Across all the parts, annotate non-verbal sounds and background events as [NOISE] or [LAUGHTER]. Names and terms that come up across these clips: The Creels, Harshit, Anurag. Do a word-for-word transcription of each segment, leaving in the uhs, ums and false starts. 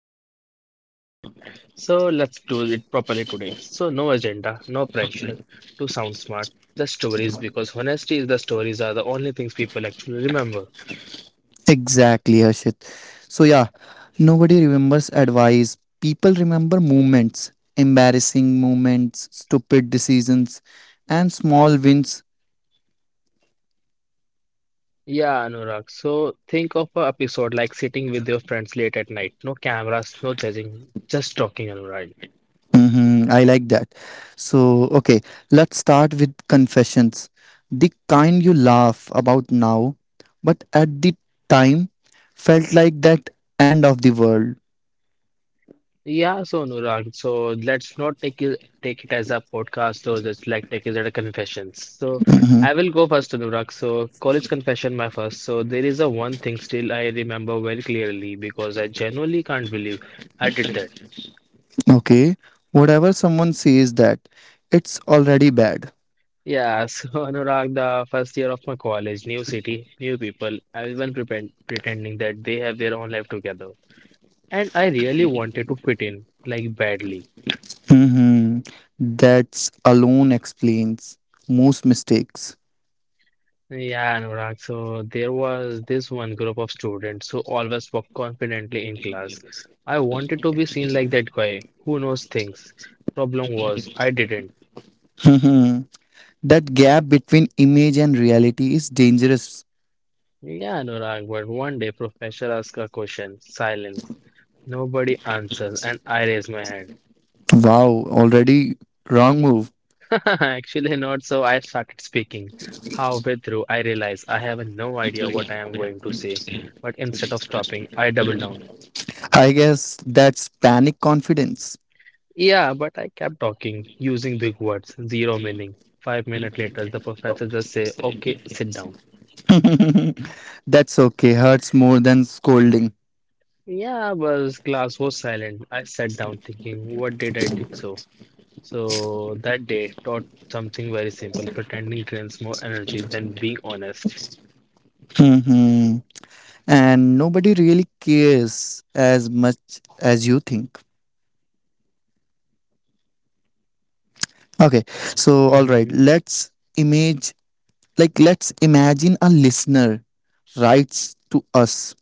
storytelling and fun format. So let's do it properly today. So no agenda, no pressure to sound smart, just stories because honesty is the stories are the only things people actually remember. Exactly, Harshit. So, yeah, nobody remembers advice. People remember moments, embarrassing moments, stupid decisions, and small wins. Yeah, Anurag. So think of an episode like sitting with your friends late at night. No cameras, no judging, just talking, Anurag. hmm I like that. So, okay, let's start with confessions. The kind you laugh about now, but at the time felt like that end of the world. Yeah, so Anurag, so let's not take it take it as a podcast, so just like take it as a confessions. So Mhm. I will go first, Anurag. So college confession, my first. So there is a one thing still I remember very clearly because I genuinely can't believe I did that. Okay, whatever someone says that, it's already bad. Yeah, [LAUGHS] so Anurag, the first year of my college, new city, new people, everyone pretend, pretending that they have their own life together, and I really wanted to fit in like badly. Mm-hmm. That's alone explains most mistakes. Yeah, Anurag. So there was this one group of students who always walk confidently in class. I wanted to be seen like that guy who knows things. Problem was, I didn't. Mhm. That gap between image and reality is dangerous. Yeah, Anurag, but one day professor asked a question, silence. Nobody answered, and I raised my hand. Wow, already wrong move. [LAUGHS] Actually, not so. I started speaking. Halfway through, I realized I have no idea what I am going to say. But instead of stopping, I doubled down. I guess that's panic confidence. Yeah, but I kept talking, using big words, zero meaning. Five minutes later, the professor just say, "Okay, sit down." That's okay, hurts more than scolding. Yeah, but class was silent. I sat down, thinking, "What did I did so?" So that day taught something very simple: pretending drains more energy than being honest. hmm And nobody really cares as much as you think. Okay, so all right, hmm let's image like let's imagine a listener writes to us.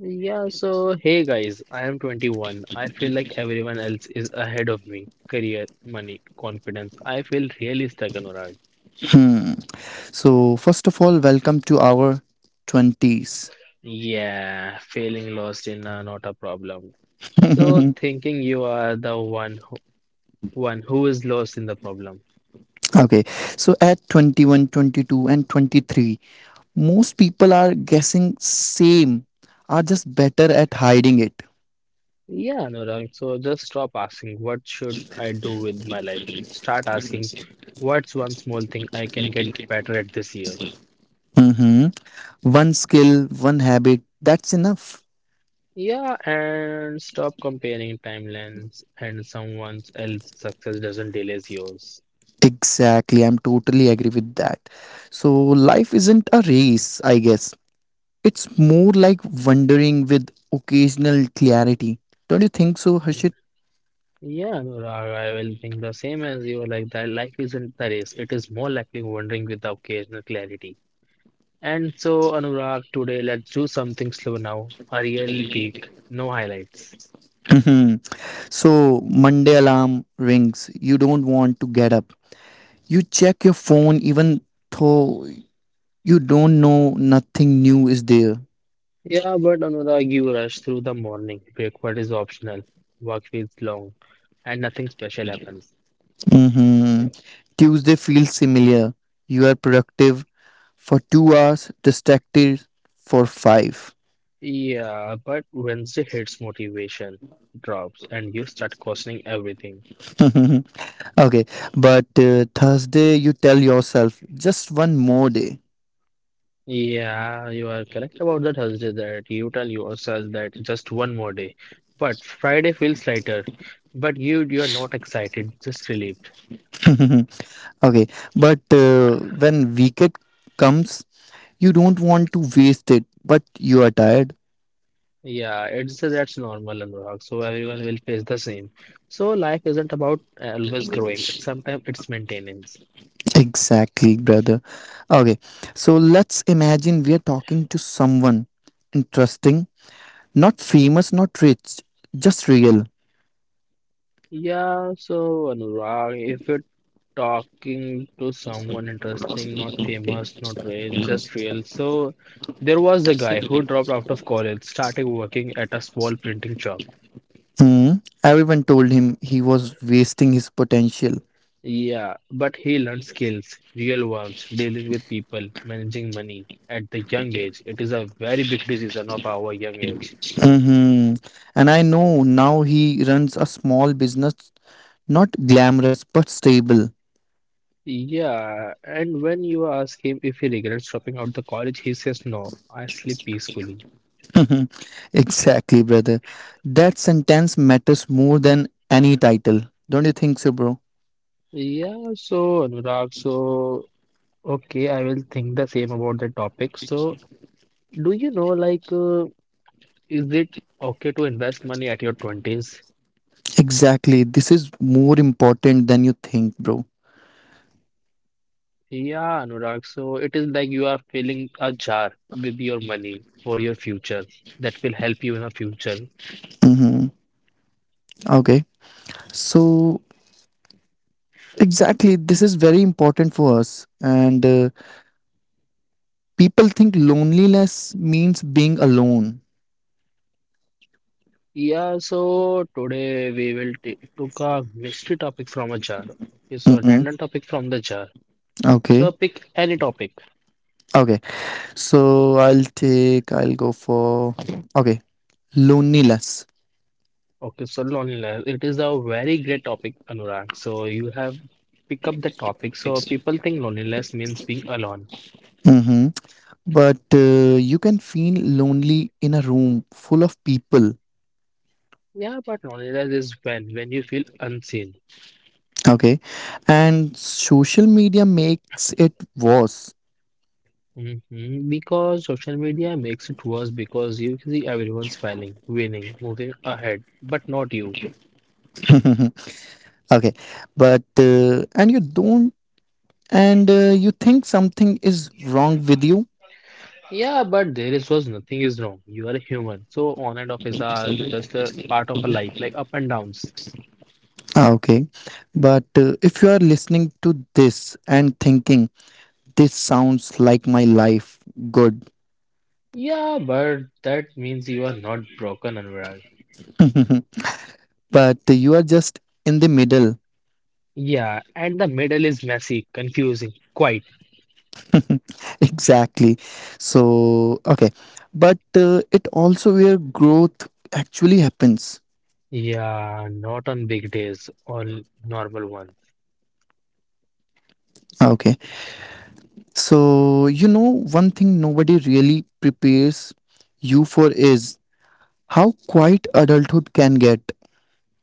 Yeah. So hey, guys, I am twenty-one. I feel like everyone else is ahead of me. Career, money, confidence. I feel really stuck in. So, first of all, welcome to our twenties. Yeah, feeling lost in uh, not a problem. So thinking you are the one who, one who is lost in the problem. Okay, so at twenty one, twenty two, and twenty-three, most people are guessing same, are just better at hiding it. Yeah, Anurag. So just stop asking, what should I do with my life? Start asking, what's one small thing I can get better at this year? hmm One skill, one habit, that's enough. Yeah, and stop comparing timelines and someone else's success doesn't delay yours. Exactly, I'm totally agree with that. So, life isn't a race, I guess. It's more like wandering with occasional clarity. Don't you think so, Harshit? Yeah, Anurag, I will think the same as you. Like that, life isn't the race; it is more likely wandering with the occasional clarity. And so, Anurag, today let's do something slow now. A real week, no highlights. Mhm. So Monday alarm rings. You don't want to get up. You check your phone even though you don't know nothing new is there. Yeah, but Anurag, you rush through the morning. Breakfast is optional. Work feels long, and nothing special happens. hmm Tuesday feels similar. You are productive for two hours, distracted for five. Yeah, but Wednesday hits motivation drops, and you start questioning everything. [LAUGHS] okay, but uh, Thursday you tell yourself just one more day. Yeah, you are correct about the Thursday that you tell yourself that just one more day. But Friday feels lighter. But you you are not excited, just relieved. [LAUGHS] Okay, but uh, when weekend comes, you don't want to waste it, but you are tired. Yeah, it's that's normal, Anurag. So everyone will face the same. So life isn't about always growing. Sometimes it's maintenance. Exactly, brother. Okay, so let's imagine we are talking to someone interesting, not famous, not rich, just real. Yeah, so Anurag, if you talking to someone interesting, not famous, not rich, just real. So there was a guy who dropped out of college, started working at a small printing shop. Hmm. Everyone told him he was wasting his potential. Yeah, but he learned skills, real ones, dealing with people, managing money at the young age. It is a very big decision of our young age. hmm And I know now he runs a small business, not glamorous but stable. Yeah, and when you ask him if he regrets dropping out the college, he says no, I sleep peacefully. Mhm. Exactly, brother. That sentence matters more than any title. Don't you think so, bro? Yeah, so Anurag, so okay, I will think the same about the topic. So, do you know, like, uh, is it okay to invest money at your twenties? Exactly. This is more important than you think, bro. Yeah, Anurag. So, it is like you are filling a jar with your money for your future that will help you in the future. Mm-hmm. Okay. So, exactly, this is very important for us. And uh, people think loneliness means being alone. Yeah, so today we will t took a mystery topic from a jar. Okay, so Mm-mm. random topic from the jar. So Okay. pick any topic. Okay. So, I'll take, I'll go for, okay, loneliness. Okay, so loneliness. It is a very great topic, Anurag. So you have pick up the topic. So people think loneliness means being alone. Mhm. but uh, You can feel lonely in a room full of people. Yeah, but loneliness is when when you feel unseen. Okay. And social media makes it worse. hmm Because social media makes it worse because you see everyone smiling, winning, moving ahead, but not you. [LAUGHS] okay but uh, and you don't and uh, You think something is wrong with you. Yeah, but there is was nothing is wrong. You are a human. So on and off is uh, just a part of a life, like up and downs. Ah, okay. but uh, If you are listening to this and thinking this sounds like my life, good. Yeah, but that means you are not broken, Anurag. But you are just in the middle. Yeah, and the middle is messy, confusing, quite. Exactly. So, okay. But uh, It also where growth actually happens. Yeah, not on big days or normal ones. Ah, okay. So, you know, one thing nobody really prepares you for is how quiet adulthood can get.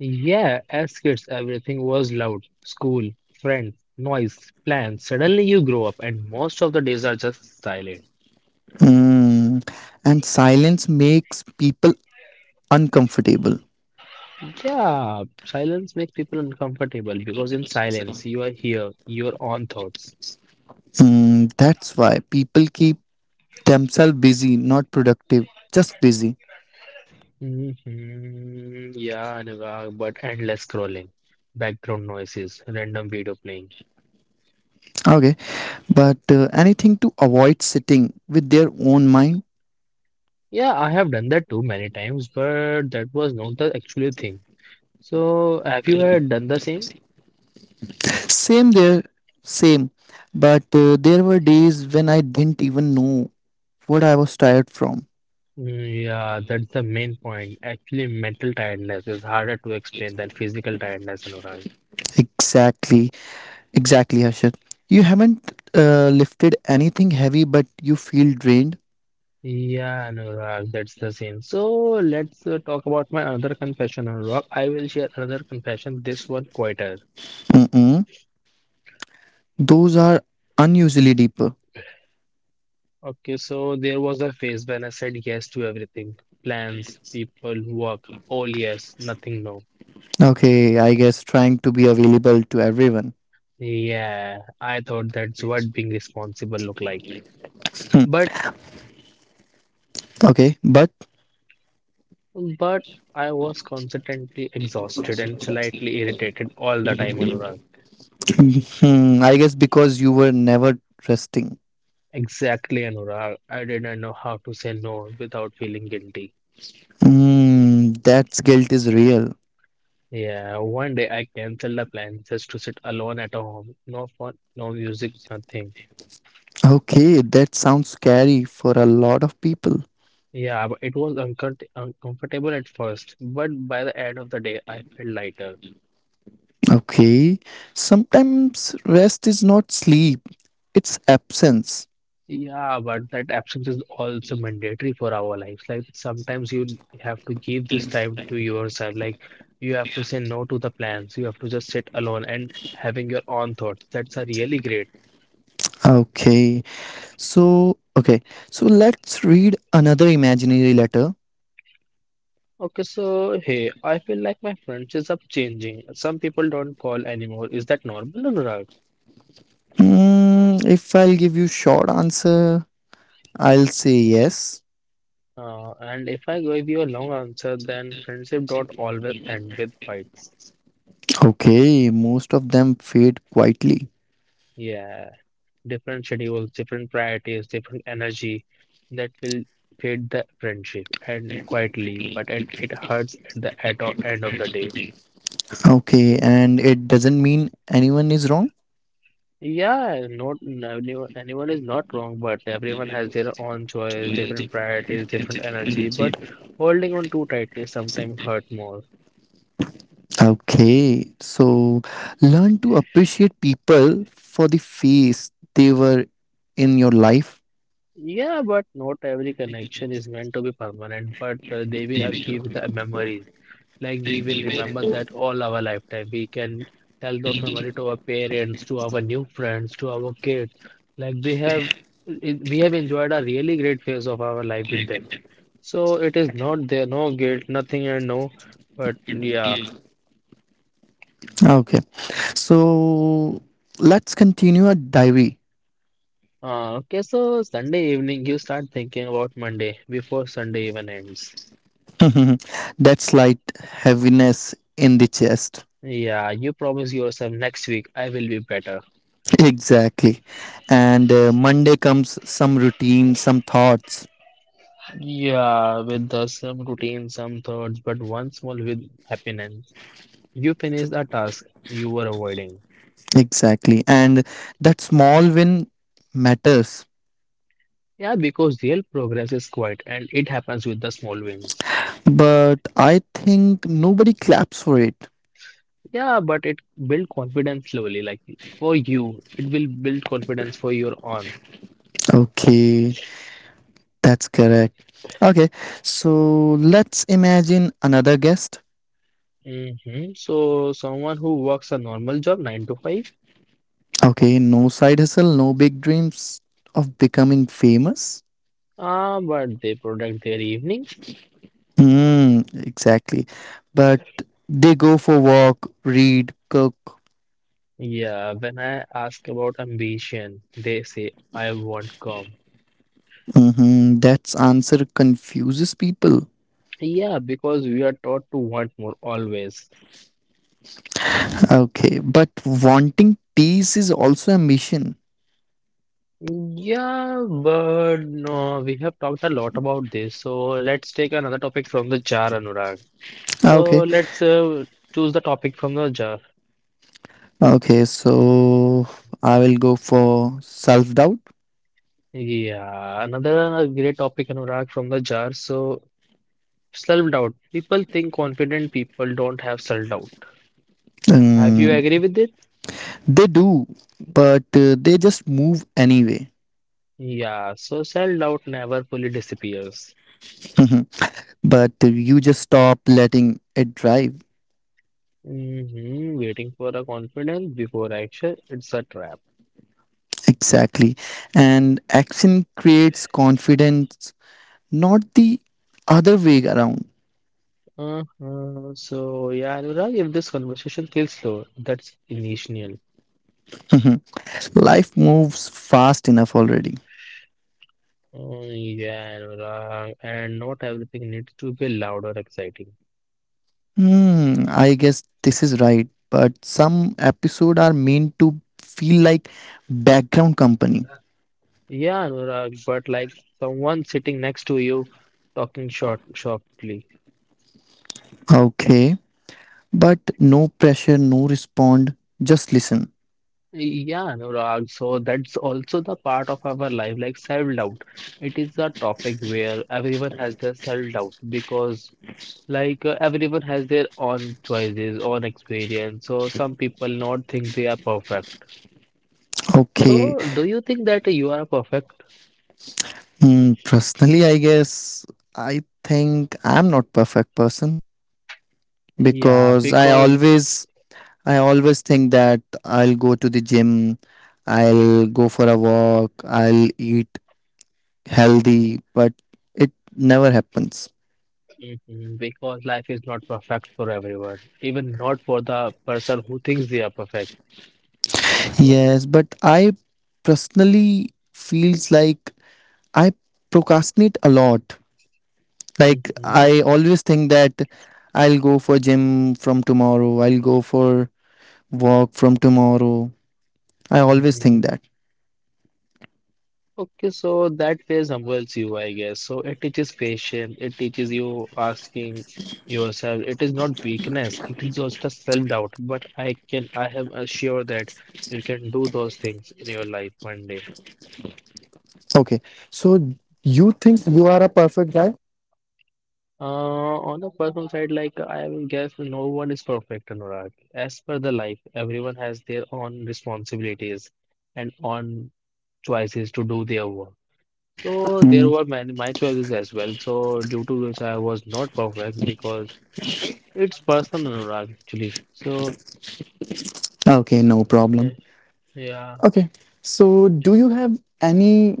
Yeah, as kids, everything was loud. School, friends, noise, plans. Suddenly you grow up and most of the days are just silent. Hmm. And silence makes people uncomfortable. Yeah, silence makes people uncomfortable because in silence you are here, your own thoughts. Hmm. That's why people keep themselves busy, not productive, just busy. hmm Yeah, Anurag, but endless scrolling, background noises, random video playing. Okay. But uh, Anything to avoid sitting with their own mind. Yeah, I have done that too many times, but that was not the actual thing. So, have you ever done the same? Same there, same. But uh, There were days when I didn't even know what I was tired from. Mm, yeah, that's the main point. Actually, mental tiredness is harder to explain than physical tiredness, Anurag. Exactly, exactly, Harshad. You haven't uh, lifted anything heavy, but you feel drained. Yeah, Anurag, that's the same. So let's uh, talk about my another confession, Anurag. I will share another confession, this one quieter. Mm-mm. Those are unusually deeper. Okay, so there was a phase when I said yes to everything. Plans, people, work, all yes, nothing no. Okay, I guess trying to be available to everyone. Yeah, I thought that's what being responsible looked like. But Okay, but but I was constantly exhausted and slightly irritated all the time, Anurag. hmm, I guess because you were never resting. Exactly, Anurag. I didn't know how to say no without feeling guilty. Mm, that guilt is real. Yeah, one day I canceled the plan just to sit alone at home. No phone, no music, nothing. Okay, that sounds scary for a lot of people. Yeah, but it was uncom uncomfortable at first, but by the end of the day, I felt lighter. Okay, sometimes rest is not sleep, it's absence. Yeah, but that absence is also mandatory for our lives. Like sometimes you have to give this time to yourself. Like you have to say no to the plans. You have to just sit alone and having your own thoughts. That's a really great. Okay, so okay, so let's read another imaginary letter. Okay, so hey, I feel like my friendships are changing. Some people don't call anymore. Is that normal or not? Hmm, if I'll give you short answer, I'll say yes. Uh, and if I give you a long answer, then friendship don't always end with fights. Okay, most of them fade quietly. Yeah, different schedules, different priorities, different energy that will fade the friendship and quietly, but and it hurts at the at o- end of the day. Okay, and it doesn't mean anyone is wrong. Yeah, not anyone. Anyone is not wrong, but everyone has their own choice, different priorities, different energy. But holding on too tightly sometimes hurt more. Okay, so learn to appreciate people for the phase they were in your life. Yeah, but not every connection is meant to be permanent, but uh, they will have keep the memories. Like we will remember that all our lifetime. We can tell those memory to our parents, to our new friends, to our kids. Like they have, it- we have enjoyed a really great phase of our life with them. So it is not there, no guilt, nothing, and no. But yeah. Okay, so let's continue our diary. Uh, okay, so Sunday evening, you start thinking about Monday before Sunday even ends. [LAUGHS] That slight heaviness in the chest. Yeah, you promise yourself next week I will be better. Exactly. And uh, Monday comes some routine, some thoughts. Yeah, with the some routine, some thoughts, but one small with happiness. You finish the task you were avoiding. Exactly. And that small win matters. Yeah, because real progress is quiet and it happens with the small wins. But I think nobody claps for it. Yeah, but it build confidence slowly. Like for you, it will build confidence for your own. Okay. That's correct. Okay, so let's imagine another guest. hmm So someone who works a normal job, nine to five, Okay, no side hustle, no big dreams of becoming famous. ah, but they protect their evenings. Mm, exactly. But they go for walk, read, cook. Yeah, when I ask about ambition, they say I want calm. Mm-hmm. That's answer confuses people. Yeah, because we are taught to want more always. Okay, but wanting peace is also a mission. Yeah, but no, we have talked a lot about this. So let's take another topic from the jar, Anurag. So Okay, let's uh, choose the topic from the jar. okay. So I will go for self doubt. Yeah, another great topic, Anurag, from the jar. So self doubt. People think confident people don't have self doubt. Have you agree with it? They do, but uh, they just move anyway. [LAUGHS] Yeah, so self doubt never fully disappears. Mhm. but uh, You just stop letting it drive. hmm Waiting for a confidence before action, it's a trap. Exactly. And action creates confidence, not the other way around. Uh-huh. So, yeah, Anurag, if this conversation feels slow, that's initial. [LAUGHS] Mhm. Life moves fast enough already. Oh, yeah, Anurag, and not everything needs to be loud or exciting. Hmm, I guess this is right, but some episodes are meant to feel like background company. Yeah, Anurag, but like someone sitting next to you talking short, softly. Okay, but no pressure, no respond, just listen. Yeah, Anurag. So that's also the part of our life, like self-doubt. It is a topic where everyone has their self-doubt because, like, uh, everyone has their own choices, own experience. So some people not think they are perfect. Okay, So do you think that you are perfect? mm, personally, I guess I think I'm not perfect person Yeah, because I because always I always think that I'll go to the gym, I'll go for a walk, I'll eat healthy, but it never happens. mhm, because life is not perfect for everyone, even not for the person who thinks they are perfect. Yes, but I personally feels like I procrastinate a lot. Like hmm I always think that I'll go for gym from tomorrow, I'll go for walk from tomorrow, I always think hmm that. Okay, so that phase humbles you, I guess. So it teaches patience, it teaches you asking yourself. It is not weakness, it is just a self-doubt. But I can, I am assured that you can do those things in your life one day. Okay. So you think you are a perfect guy? Uh, on the personal side, like I will guess no one is perfect, Anurag. As per the life, everyone has their own responsibilities and own choices to do their work. So Mm, there were many my choices as well. So due to which I was not perfect because it's personal, Anurag, actually. So, okay, no problem. eh, yeah, Okay. So do you have any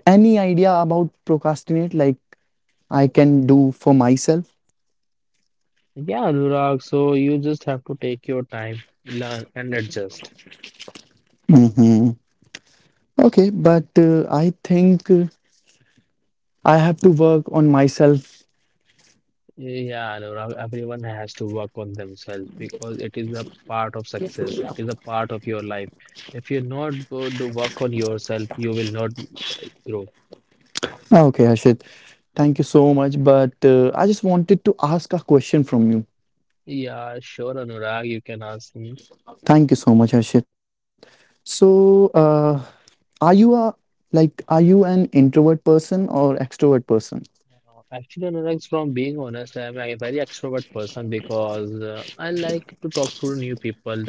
any idea about procrastinate like I can do for myself? yeah, Anurag. So you just have to take your time, learn, and adjust. hmm Okay, but uh, I think uh, I have to work on myself. Yeah, Anurag. Everyone has to work on themselves because it is a part of success. It is a part of your life. If you're not going to work on yourself, you will not grow. Okay, Harshit. Thank you so much, but uh, I just wanted to ask a question from you. Yeah, sure, Anurag. You can ask me. Thank you so much, Harshit. So, uh, are you a, like are you an introvert person or extrovert person? Uh, Actually, Anurag, from being honest, I'm a very extrovert person because uh, I like to talk to new people.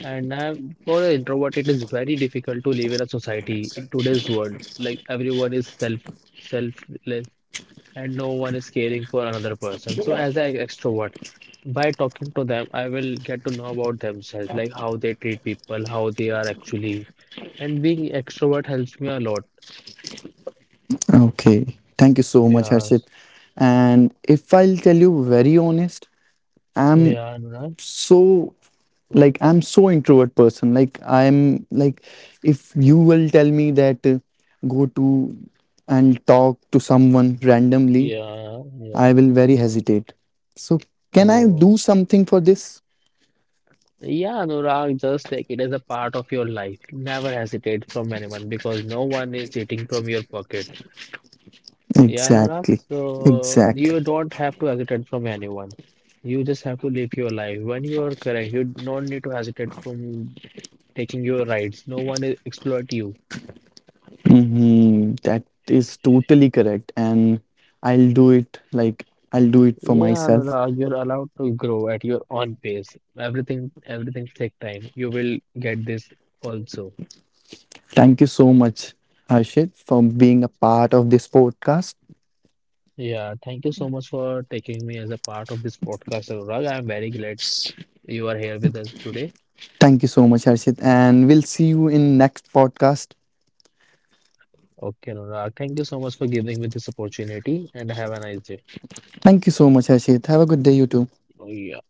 And I'm, for an introvert, it is very difficult to live in a society in today's world. Like everyone is self selfless and no one is caring for another person. So as an extrovert, by talking to them, I will get to know about themselves, like how they treat people, how they are actually. And being extrovert helps me a lot. Okay. Thank you so much, Yeah, Harshit. And if I'll tell you very honest, I'm yeah, Anurag. so like I'm so introvert person. Like I'm like If you will tell me that uh, go to and talk to someone randomly, Yeah, yeah. I will very hesitate. So can I do Oh, something for this? yeah, Anurag, just like it is a part of your life. Never hesitate from anyone because no one is eating from your pocket. Yeah, Anurag, Exactly, so exactly. you don't have to hesitate from anyone. You just have to live your life. When you are correct, you don't need to hesitate from taking your rights. No one will exploit you. Mhm, that is totally correct, and I'll do it. Like I'll do it for Yeah, myself. Anurag, you're allowed to grow at your own pace. Everything, everything take time. You will get this also. Thank you so much, Harshit, for being a part of this podcast. Yeah, thank you so much for taking me as a part of this podcast, Anurag. I am very glad you are here with us today. Thank you so much, Harshit, and we'll see you in next podcast. Okay, Anurag, thank you so much for giving me this opportunity and have a nice day. Thank you so much, Harshit. Have a good day, you too. Yeah.